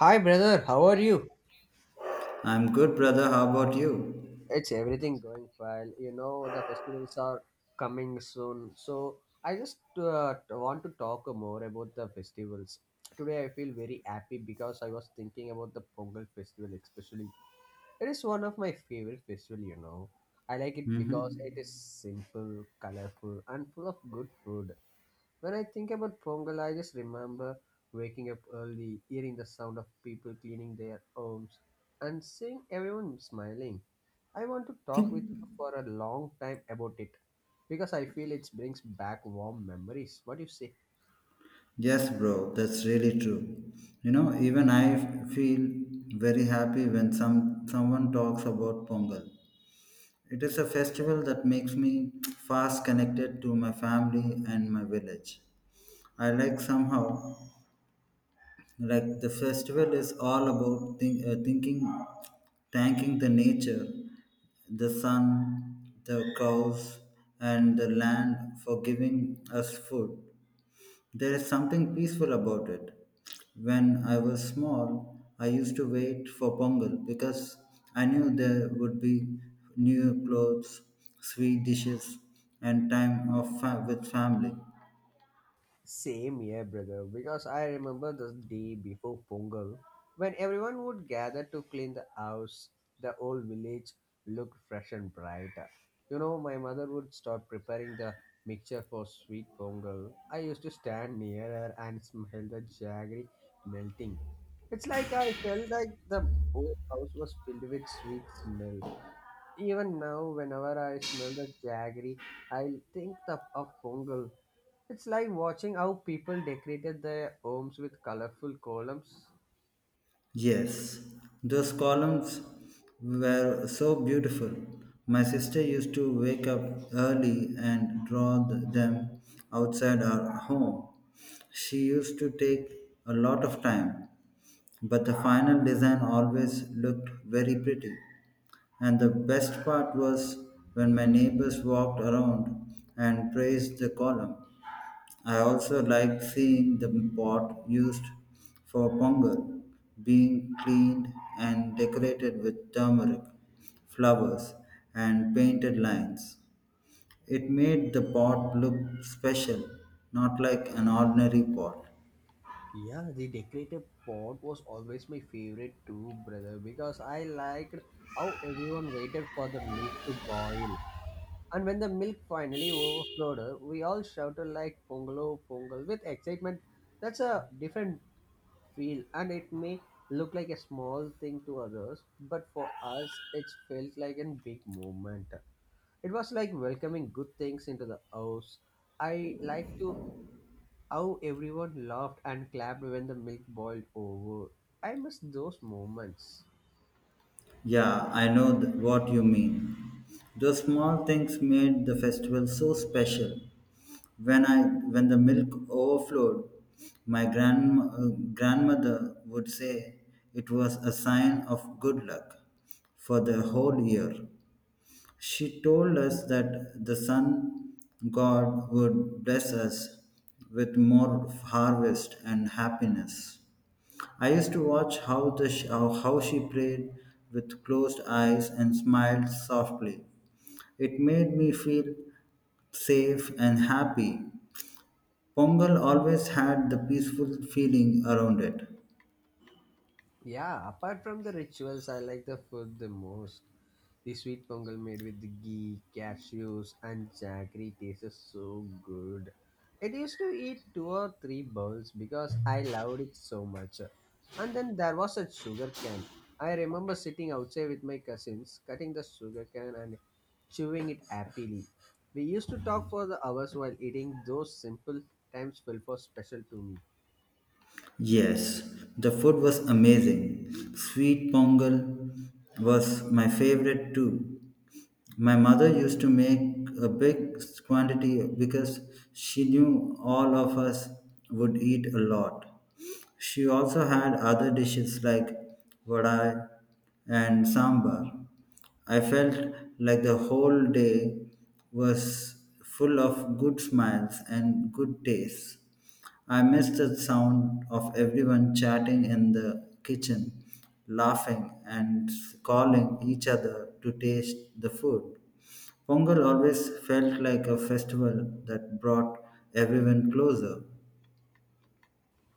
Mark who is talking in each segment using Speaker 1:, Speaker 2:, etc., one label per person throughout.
Speaker 1: Hi, brother. How are you?
Speaker 2: I'm good, brother. How about you?
Speaker 1: It's everything going well. You know, the festivals are coming soon. So, I just want to talk more about the festivals. Today, I feel very happy because I was thinking about the Pongal festival, especially. It is one of my favorite festival, you know. I like it because it is
Speaker 2: Mm-hmm.
Speaker 1: simple, colorful, and full of good food. When I think about Pongal, I just remember waking up early, hearing the sound of people cleaning their homes, and seeing everyone smiling. I want to talk with you for a long time about it because I feel it brings back warm memories. What do you say?
Speaker 2: Yes, bro, that's really true. You know, even feel very happy when someone talks about Pongal. It is a festival that makes me fast connected to my family and my village. I like somehow like the festival is all about thinking, thanking the nature, the sun, the cows, and the land for giving us food. There is something peaceful about it. When I was small, I used to wait for Pongal because I knew there would be new clothes, sweet dishes, and with family.
Speaker 1: Same here, brother, because I remember the day before Pongal when everyone would gather to clean the house. The old village looked fresh and bright. You know, my mother would start preparing the mixture for sweet Pongal. I used to stand near her and smell the jaggery melting. It's like I felt like the whole house was filled with sweet smell. Even now, whenever I smell the jaggery, I think of Pongal, it's like watching how people decorated their homes with colorful columns.
Speaker 2: Yes, those columns were so beautiful. My sister used to wake up early and draw them outside our home. She used to take a lot of time, but the final design always looked very pretty. And the best part was when my neighbors walked around and praised the column. I also liked seeing the pot used for pongal being cleaned and decorated with turmeric, flowers, and painted lines. It made the pot look special, not like an ordinary pot.
Speaker 1: Yeah, the decorative pot was always my favorite too, brother, because I liked how everyone waited for the milk to boil. And when the milk finally overflowed, we all shouted like Pongalo Pongal with excitement. That's a different feel, and it may look like a small thing to others, but for us, it felt like a big moment. It was like welcoming good things into the house. I like to how everyone laughed and clapped when the milk boiled over. I miss those moments.
Speaker 2: Yeah, I know what you mean. Those small things made the festival so special. When I when the milk overflowed, my grandmother would say it was a sign of good luck for the whole year. She told us that the sun god would bless us with more harvest and happiness. I used to watch how, the sh- how she prayed with closed eyes and smiled softly. It made me feel safe and happy. Pongal always had the peaceful feeling around it.
Speaker 1: Yeah, apart from the rituals, I like the food the most. The sweet pongal made with the ghee, cashews, and jaggery tastes so good. I used to eat two or three bowls because I loved it so much. And then there was a sugar cane. I remember sitting outside with my cousins, cutting the sugar cane and chewing it happily. We used to talk for the hours while eating. Those simple times felt for special to me.
Speaker 2: Yes, the food was amazing. Sweet pongal was my favorite too. My mother used to make a big quantity because she knew all of us would eat a lot. She also had other dishes like vadai and sambar. I felt like the whole day was full of good smiles and good taste. I missed the sound of everyone chatting in the kitchen, laughing and calling each other to taste the food. Pongal always felt like a festival that brought everyone closer.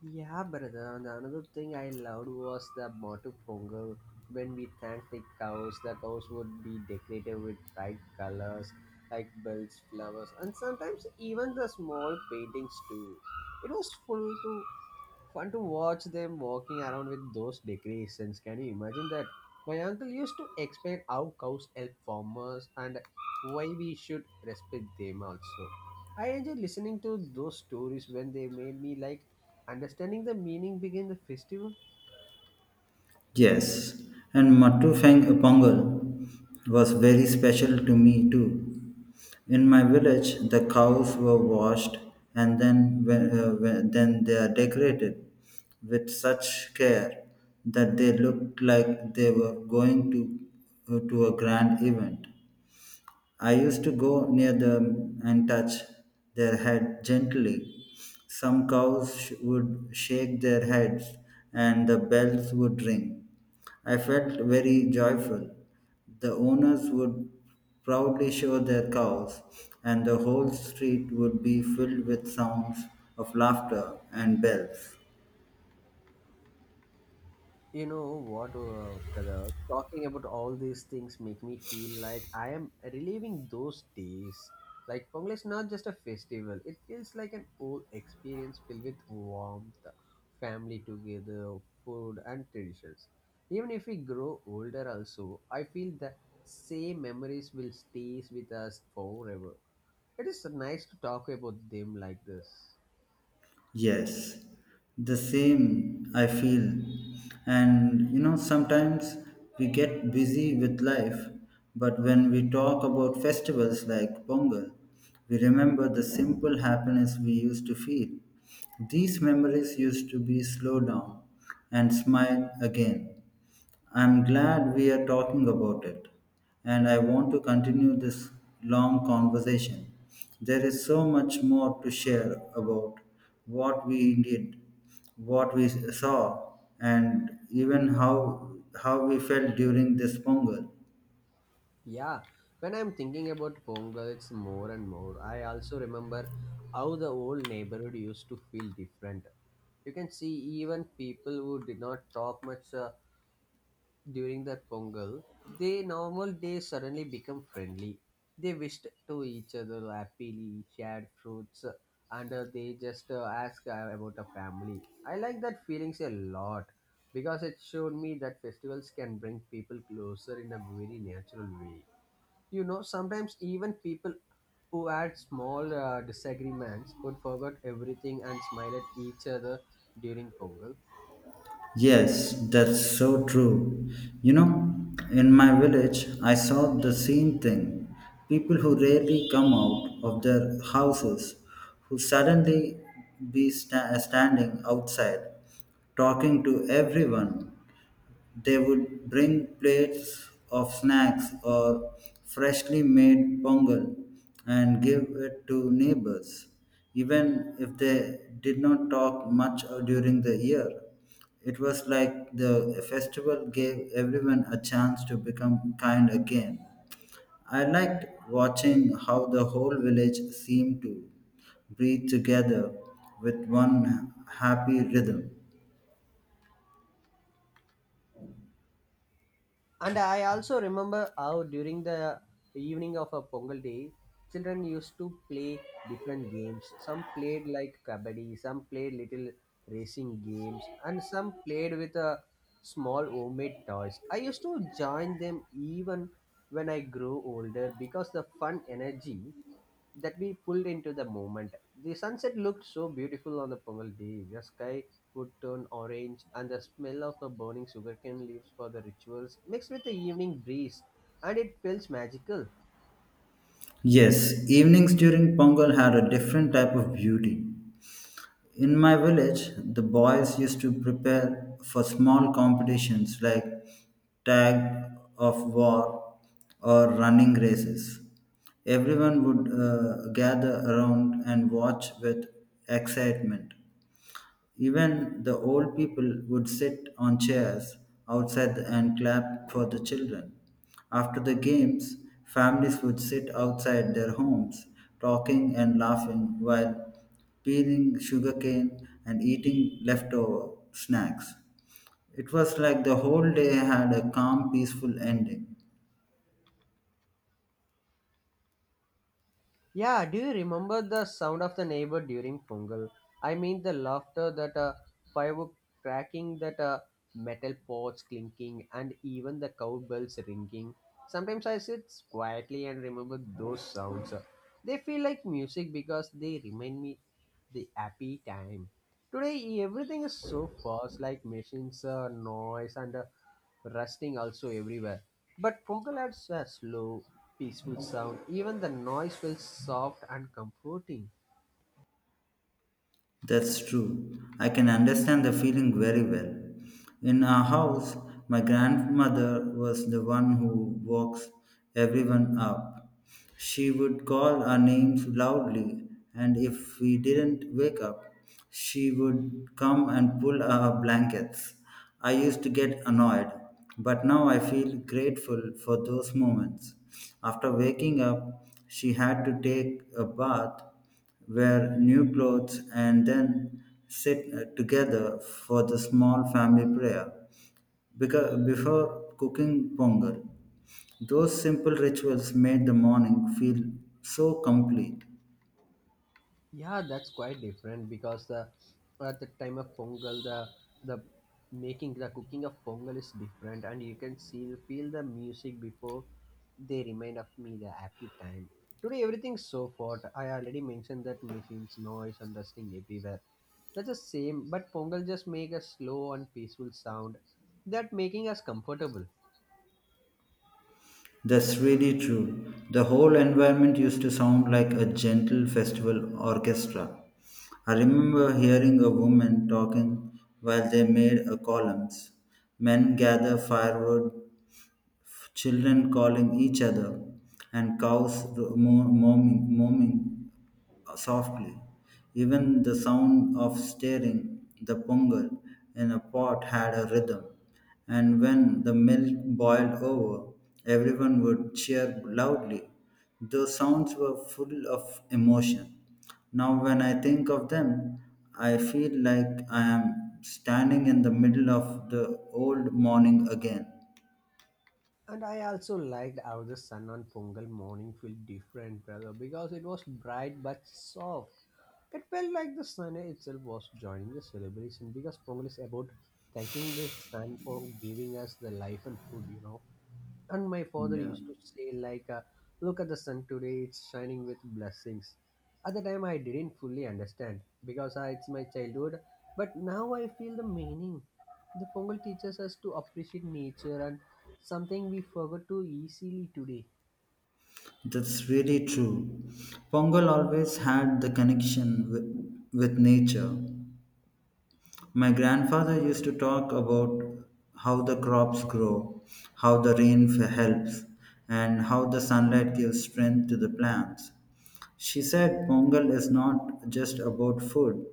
Speaker 1: Yeah, brother. And another thing I loved was the motto pongal. When we thanked the cows would be decorated with bright colors like bells, flowers, and sometimes even the small paintings too. It was full to fun to watch them walking around with those decorations. Can you imagine that? My uncle used to explain how cows help farmers and why we should respect them also. I enjoyed listening to those stories when they made me like understanding the meaning behind the festival.
Speaker 2: Yes, and Matu Fang Pongal was very special to me too. In my village, the cows were washed and then they are decorated with such care that they looked like they were going to a grand event. I used to go near them and touch their head gently. Some cows would shake their heads and the bells would ring. I felt very joyful. The owners would proudly show their cows, and the whole street would be filled with sounds of laughter and bells.
Speaker 1: You know what, brother? Talking about all these things make me feel like I am reliving those days. Like Pongal is not just a festival; it feels like an old experience filled with warmth, family together, food, and traditions. Even if we grow older, also I feel that same memories will stays with us forever. It is nice to talk about them like this.
Speaker 2: Yes, the same I feel. And you know, sometimes we get busy with life, but when we talk about festivals like Pongal, we remember the simple happiness we used to feel. These memories used to be slow down and smile again. I'm glad we are talking about it, and I want to continue this long conversation. There is so much more to share about what we did, what we saw, and even how we felt during this Pongal.
Speaker 1: Yeah, when I'm thinking about Pongal, it's more and more. I also remember how the old neighborhood used to feel different. You can see even people who did not talk much during the Pongal, they suddenly become friendly. They wished to each other happily, shared fruits, and they just ask about a family. I like that feelings a lot because it showed me that festivals can bring people closer in a very natural way. You know, sometimes even people who had small disagreements would forget everything and smile at each other during Pongal.
Speaker 2: Yes, that's so true. You know, in my village, I saw the same thing. People who rarely come out of their houses, who suddenly standing outside, talking to everyone, they would bring plates of snacks or freshly made pongal and give it to neighbors, even if they did not talk much during the year. It was like the festival gave everyone a chance to become kind again. I liked watching how the whole village seemed to breathe together with one happy rhythm.
Speaker 1: And I also remember how during the evening of a Pongal day, children used to play different games. Some played like kabaddi, some played little racing games, and some played with a small homemade toys. I used to join them even when I grew older because the fun energy that we pulled into the moment. The sunset looked so beautiful on the Pongal day. The sky would turn orange, and the smell of the burning sugarcane leaves for the rituals mixed with the evening breeze, and it feels magical.
Speaker 2: Yes, evenings during Pongal had a different type of beauty. In my village, the boys used to prepare for small competitions like tag of war or running races. Everyone would gather around and watch with excitement. Even the old people would sit on chairs outside and clap for the children. After the games, families would sit outside their homes, talking and laughing while peeling sugarcane and eating leftover snacks. It was like the whole day had a calm, peaceful ending.
Speaker 1: Yeah, do you remember the sound of the neighbor during Pongal? I mean the laughter, that firework cracking, that metal pots clinking, and even the cowbells ringing. Sometimes I sit quietly and remember those sounds. They feel like music because they remind me the happy time. Today everything is so fast, like machines, noise, and rusting also everywhere. But Pongal adds a slow, peaceful sound. Even the noise feels soft and comforting.
Speaker 2: That's true. I can understand the feeling very well. In our house, my grandmother was the one who walks everyone up. She would call our names loudly, and if we didn't wake up, she would come and pull our blankets. I used to get annoyed, but now I feel grateful for those moments. After waking up, she had to take a bath, wear new clothes, and then sit together for the small family prayer because before cooking pongal. Those simple rituals made the morning feel so complete.
Speaker 1: Yeah, that's quite different because the at the time of Pongal, the making the cooking of Pongal is different, and you can see feel the music before they remind of me the happy time. Today everything's so hot. I already mentioned that machines, noise, and rustling everywhere. That's the same, but Pongal just make a slow and peaceful sound that making us comfortable.
Speaker 2: That's really true. The whole environment used to sound like a gentle festival orchestra. I remember hearing a woman talking while they made a columns. Men gather firewood, children calling each other, and cows moaning softly. Even the sound of stirring the pongal in a pot had a rhythm, and when the milk boiled over, everyone would cheer loudly. Those sounds were full of emotion. Now, when I think of them, I feel like I am standing in the middle of the old morning again.
Speaker 1: And I also liked how the sun on Pongal morning felt different, brother, because it was bright but soft. It felt like the sun itself was joining the celebration because Pongal is about thanking the sun for giving us the life and food, you know. And my father
Speaker 2: Yeah.
Speaker 1: used to say, like, look at the sun today, it's shining with blessings. At the time, I didn't fully understand because it's my childhood, but now I feel the meaning. The Pongal teaches us to appreciate nature and something we forgot too easily today.
Speaker 2: That's really true. Pongal always had the connection with nature. My grandfather used to talk about how the crops grow, how the helps, and how the sunlight gives strength to the plants. She said Pongal is not just about food,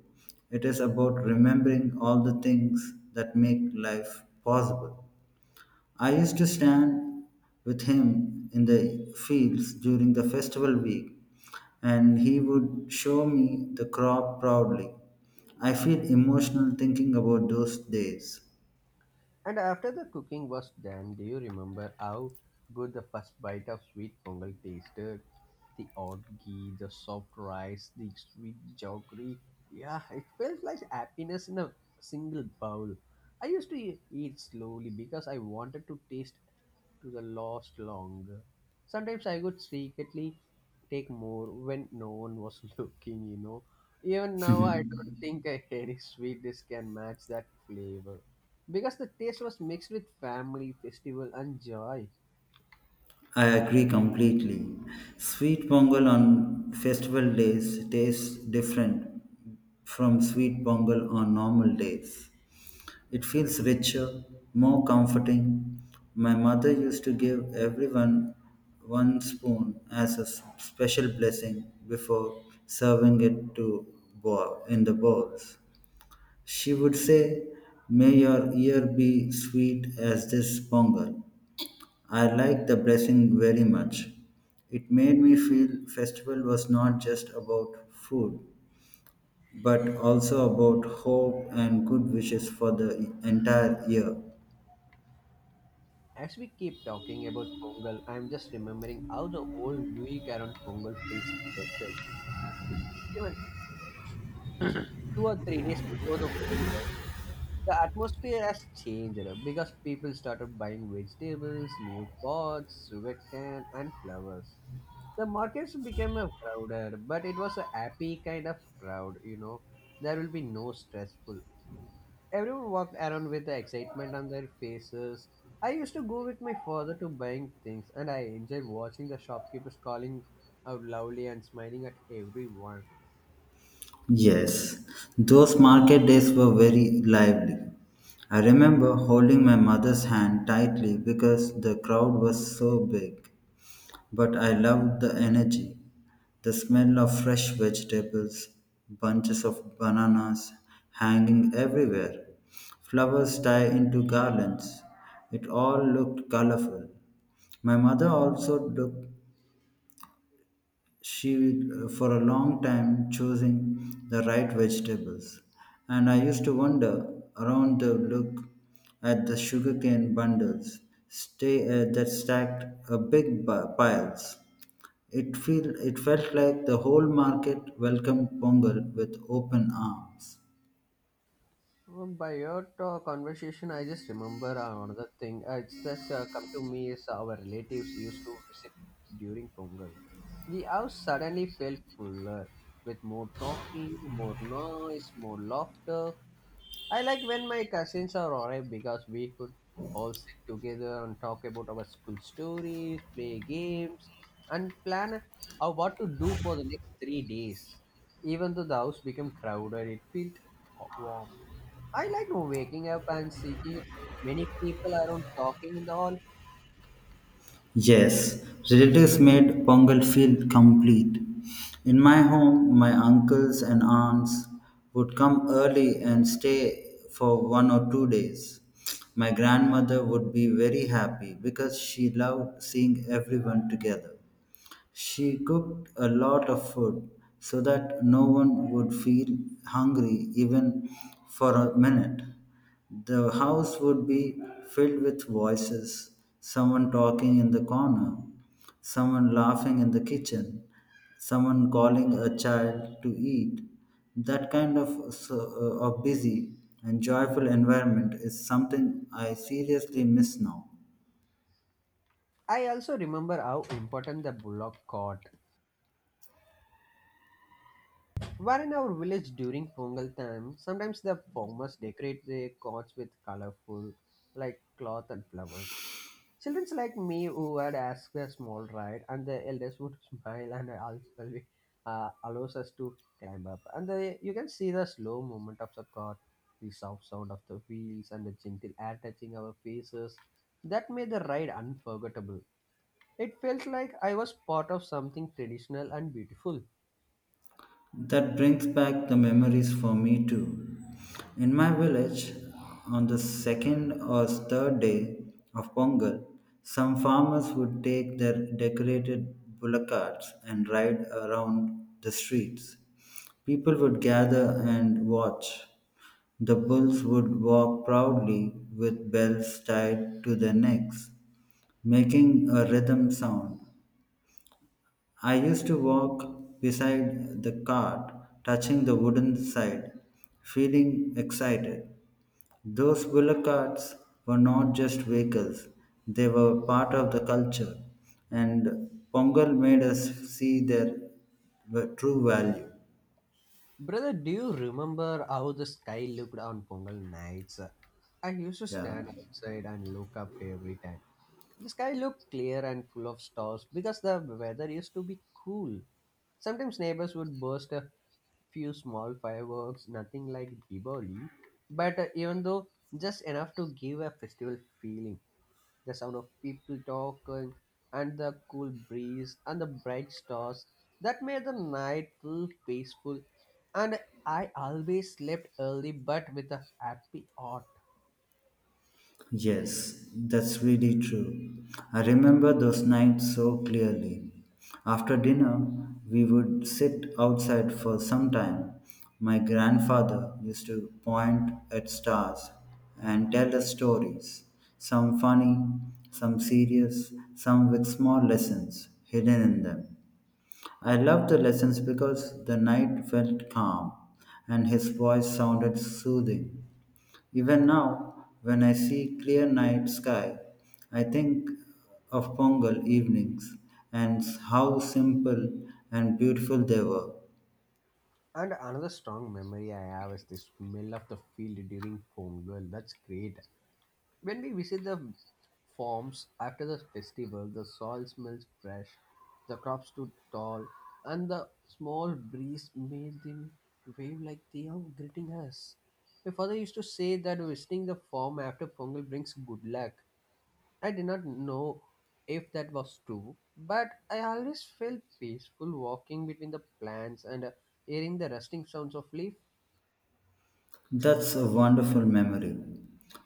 Speaker 2: it is about remembering all the things that make life possible. I used to stand with him in the fields during the festival week, and he would show me the crop proudly. I feel emotional thinking about those days.
Speaker 1: And after the cooking was done, do you remember how good the first bite of sweet Pongal tasted? The orgy, the soft rice, the sweet jaggery. Yeah, it felt like happiness in a single bowl. I used to eat slowly because I wanted to taste to the last longer. Sometimes I would secretly take more when no one was looking, you know. Even now, I don't think any sweet dish can match that flavor because the taste was mixed with family, festival, and joy.
Speaker 2: I agree completely. Sweet pongal on festival days tastes different from sweet pongal on normal days. It feels richer, more comforting. My mother used to give everyone one spoon as a special blessing before serving it to bowl in the bowls. She would say, "May your ear be sweet as this pongal." I liked the blessing very much. It made me feel festival was not just about food, but also about hope and good wishes for the entire year.
Speaker 1: As we keep talking about Pongal, I'm just remembering how the whole week around Pongal feels special. Even two or three days before the festival, the atmosphere has changed because people started buying vegetables, new pots, sugarcane, and flowers. The markets became a crowded, but it was a happy kind of crowd, you know. There will be no stressful. Everyone walked around with the excitement on their faces. I used to go with my father to buying things, and I enjoyed watching the shopkeepers calling out loudly and smiling at everyone.
Speaker 2: Yes, those market days were very lively. I remember holding my mother's hand tightly because the crowd was so big. But I loved the energy, the smell of fresh vegetables, bunches of bananas hanging everywhere, flowers tied into garlands. It all looked colorful. My mother also took she for a long time choosing the right vegetables, and I used to wander around the look at the sugarcane bundles stay that stacked a piles. It felt like the whole market welcomed pongal with open arms.
Speaker 1: By your talk, conversation, I just remember another thing. It's this come to me is our relatives used to visit during Pongal. The house suddenly felt fuller with more talking, more noise, more laughter. I like when my cousins are alright because we could all sit together and talk about our school stories, play games, and plan out what to do for the next three days. Even though the house became crowded, it felt warm. I like waking up and seeing many people around talking and all.
Speaker 2: Yes, relatives made Pongal feel complete. In my home, my uncles and aunts would come early and stay for 1 or 2 days. My grandmother would be very happy because she loved seeing everyone together. She cooked a lot of food so that no one would feel hungry even for a minute. The house would be filled with voices, someone talking in the corner, someone laughing in the kitchen, someone calling a child to eat. That kind of, of busy and joyful environment is something I seriously miss now.
Speaker 1: I also remember how important the bullock cart where in our village during Pongal time, sometimes the farmers decorate their cots with colorful, like cloth and flowers. Children like me who would ask for a small ride, and the elders would smile and also allows us to climb up. And the, you can see the slow movement of the cart, the soft sound of the wheels, and the gentle air touching our faces. That made the ride unforgettable. It felt like I was part of something traditional and beautiful.
Speaker 2: That brings back the memories for me too. In my village, on the second or third day of Pongal, some farmers would take their decorated bullock carts and ride around the streets. People would gather and watch. The bulls would walk proudly with bells tied to their necks, making a rhythm sound. I used to walk beside the cart, touching the wooden side, feeling excited. Those bullock carts were not just vehicles, they were part of the culture, and Pongal made us see their true value.
Speaker 1: Brother, do you remember how the sky looked on Pongal nights? I used to
Speaker 2: Yeah.
Speaker 1: stand outside and look up every time. The sky looked clear and full of stars because the weather used to be cool. Sometimes neighbors would burst a few small fireworks, nothing like Diwali, but even though just enough to give a festival feeling, the sound of people talking and the cool breeze and the bright stars that made the night feel peaceful, and I always slept early but with a happy heart.
Speaker 2: Yes, that's really true. I remember those nights so clearly. After dinner, we would sit outside for some time. My grandfather used to point at stars and tell us stories, some funny, some serious, some with small lessons hidden in them. I loved the lessons because the night felt calm and his voice sounded soothing. Even now, when I see clear night sky, I think of Pongal evenings and how simple and beautiful they were.
Speaker 1: And another strong memory I have is the smell of the field during Pongal, that's great. When we visit the farms after the festival, the soil smells fresh, the crops stood tall, and the small breeze made them wave like they are greeting us. My father used to say that visiting the farm after Pongal brings good luck. I did not know if that was true, but I always felt peaceful walking between the plants and hearing the rustling sounds of leaf.
Speaker 2: That's a wonderful memory.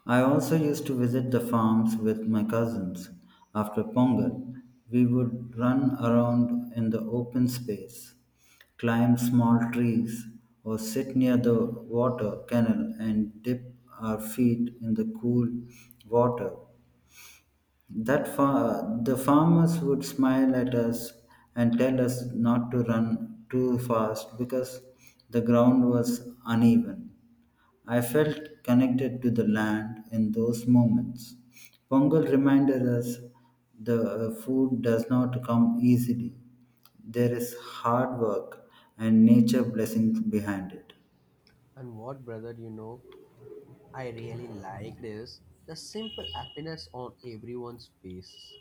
Speaker 2: I also used to visit the farms with my cousins. After Pongal, we would run around in the open space, climb small trees, or sit near the water canal and dip our feet in the cool water. The farmers would smile at us and tell us not to run too fast because the ground was uneven. I felt connected to the land in those moments. Pongal reminded us the food does not come easily. There is hard work and nature blessings behind it.
Speaker 1: And what, brother, you know? I really liked is the simple happiness on everyone's faces.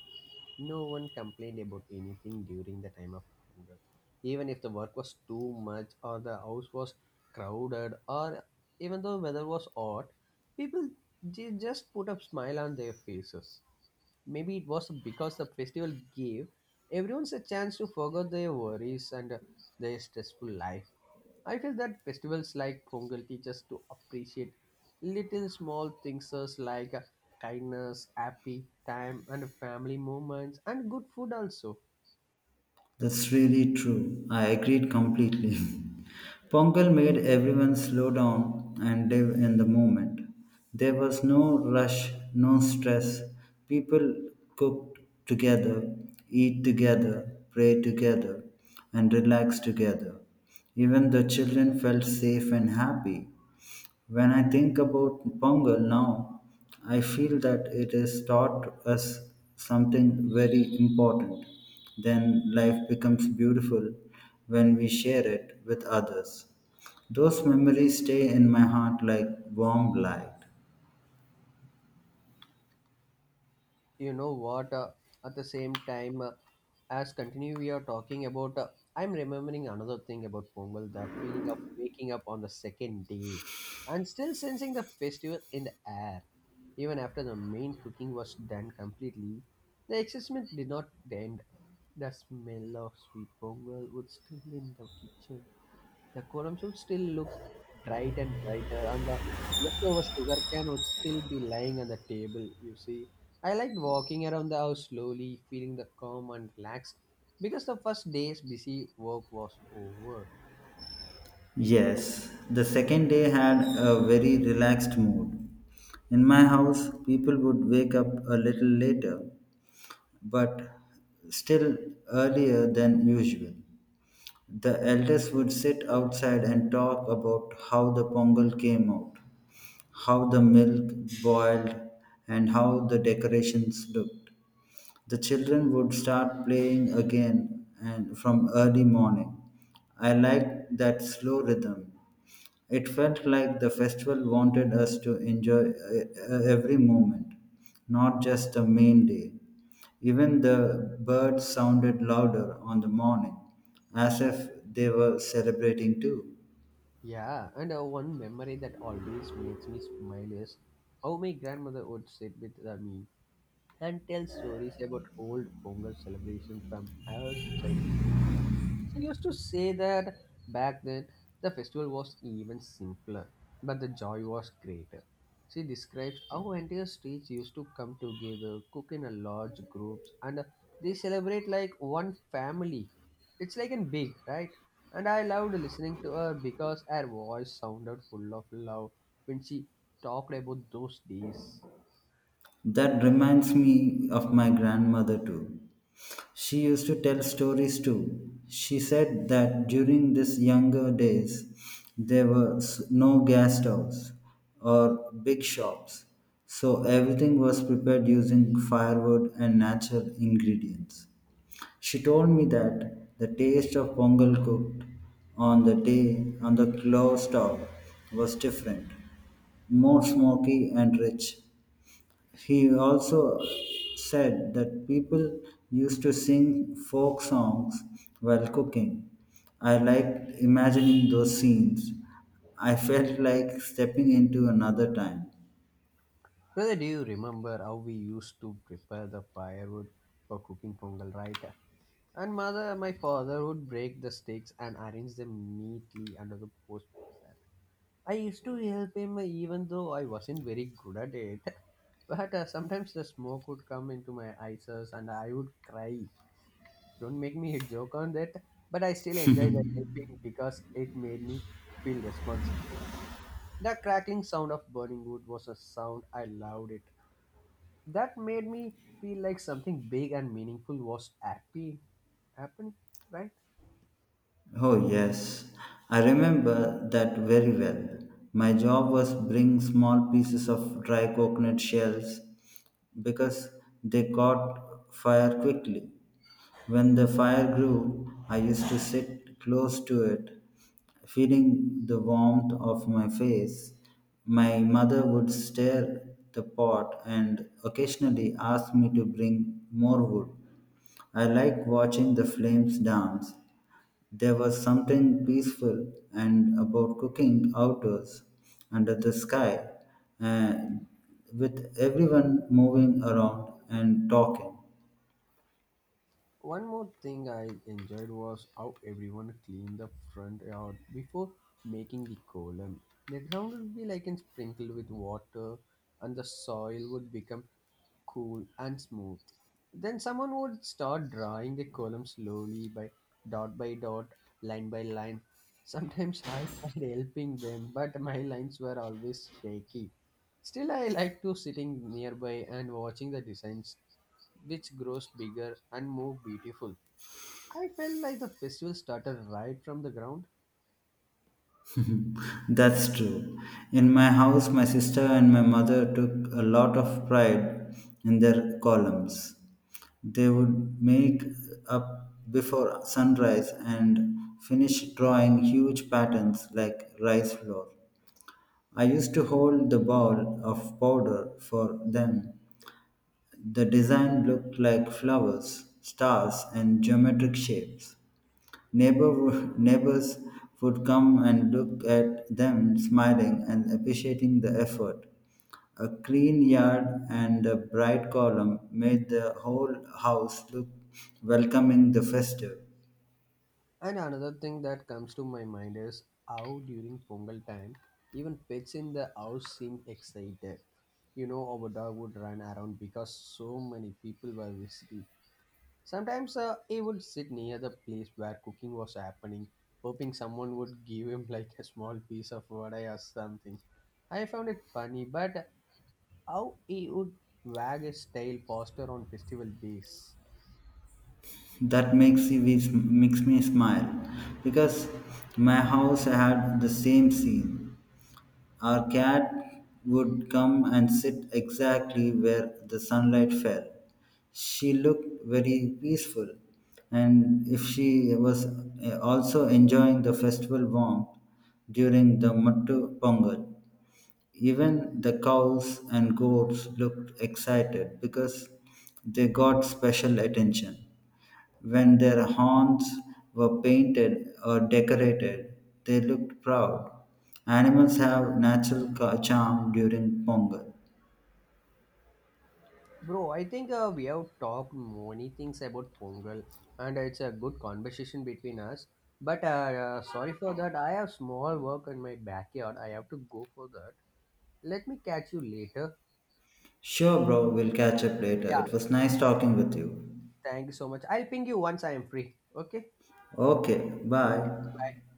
Speaker 1: No one complained about anything during the time of hunger. Even if the work was too much or the house was crowded or even though weather was hot, people just put a smile on their faces. Maybe it was because the festival gave everyone a chance to forget their worries and their stressful life. I feel that festivals like Pongal teach us to appreciate little small things as like kindness, happy time, and family moments, and good food also.
Speaker 2: That's really true. I agreed completely. Pongal made everyone slow down and live in the moment. There was no rush, no stress. People cooked together, eat together, pray together, and relax together. Even the children felt safe and happy. When I think about Pongal now, I feel that it has taught us something very important. Then life becomes beautiful when we share it with others. Those memories stay in my heart like warm light.
Speaker 1: You know what At the same time, as continue we are talking about, I'm remembering another thing about Pongal, that feeling of waking up on the second day and still sensing the festival in the air. Even after the main cooking was done completely, the excitement did not end. The smell of sweet pongal was still in the kitchen. The quorum would still look bright and brighter, and the leftover sugar can would still be lying on the table, you see. I liked walking around the house slowly, feeling the calm and relaxed because the first day's busy work was over.
Speaker 2: Yes, the second day had a very relaxed mood. In my house, people would wake up a little later, but still earlier than usual. The elders would sit outside and talk about how the pongal came out, how the milk boiled, and how the decorations looked. The children would start playing again and from early morning. I liked that slow rhythm. It felt like the festival wanted us to enjoy every moment, not just the main day. Even the birds sounded louder on the morning, as if they were celebrating too.
Speaker 1: Yeah, and one memory that always makes me smile is how my grandmother would sit with me and tell stories about old Pongal celebration from our childhood. She used to say that back then the festival was even simpler, but the joy was greater. She describes how entire streets used to come together, cook in a large groups, and they celebrate like one family. It's like in big, right? And I loved listening to her because her voice sounded full of love when she talked about those days.
Speaker 2: That reminds me of my grandmother too. She used to tell stories too. She said that during these younger days, there were no gas stoves or big shops, so everything was prepared using firewood and natural ingredients. She told me that the taste of pongal cooked on the glow stove was different, more smoky and rich. He also said that people used to sing folk songs while cooking. I liked imagining those scenes. I felt like stepping into another time.
Speaker 1: Brother, do you remember how we used to prepare the firewood for cooking pongal, right? And mother, my father would break the sticks and arrange them neatly under the post. I used to help him even though I wasn't very good at it. But sometimes the smoke would come into my eyes and I would cry. Don't make me a joke on that. But I still enjoy the helping because it made me feel responsible. The crackling sound of burning wood was a sound I loved it. That made me feel like something big and meaningful was happy happening, right?
Speaker 2: Oh, yes. I remember that very well. My job was bring small pieces of dry coconut shells because they caught fire quickly. When the fire grew, I used to sit close to it, feeling the warmth of my face. My mother would stir the pot and occasionally ask me to bring more wood. I liked watching the flames dance. There was something peaceful and about cooking outdoors under the sky, uh, with everyone moving around and talking.
Speaker 1: One more thing I enjoyed was how everyone cleaned the front yard before making the column. The ground would be like in sprinkled with water and the soil would become cool and smooth. Then someone would start drawing the column slowly by dot, line by line. Sometimes I tried helping them, but my lines were always shaky. Still, I like to sitting nearby and watching the designs, which grows bigger and more beautiful. I felt like the festival started right from the ground.
Speaker 2: That's true. In my house, my sister and my mother took a lot of pride in their columns. They would make up before sunrise and finish drawing huge patterns like rice flour. I used to hold the ball of powder for them. The design looked like flowers, stars, and geometric shapes. Neighbors would come and look at them smiling and appreciating the effort. A clean yard and a bright column made the whole house look welcoming the festive.
Speaker 1: And another thing that comes to my mind is how during Pongal time, even pets in the house seemed excited. You know, our dog would run around because so many people were visiting. Sometimes he would sit near the place where cooking was happening, hoping someone would give him like a small piece of vadai or something. I found it funny, but how he would wag his tail faster on festival days.
Speaker 2: Makes me smile because my house had the same scene. Our cat would come and sit exactly where the sunlight fell. She looked very peaceful, and if she was also enjoying the festival warmth during the Mattu Pongal, even the cows and goats looked excited because they got special attention. When their horns were painted or decorated, they looked proud. Animals have natural charm during Pongal.
Speaker 1: Bro, I think we have talked many things about Pongal, and it's a good conversation between us. But sorry for that. I have small work in my backyard. I have to go for that. Let me catch you later.
Speaker 2: Sure, bro, we'll catch up later.
Speaker 1: Yeah,
Speaker 2: It was nice talking with you.
Speaker 1: thank you so much. I'll ping you once I am free. Okay.
Speaker 2: Okay,
Speaker 1: Okay.
Speaker 2: bye.
Speaker 1: Bye.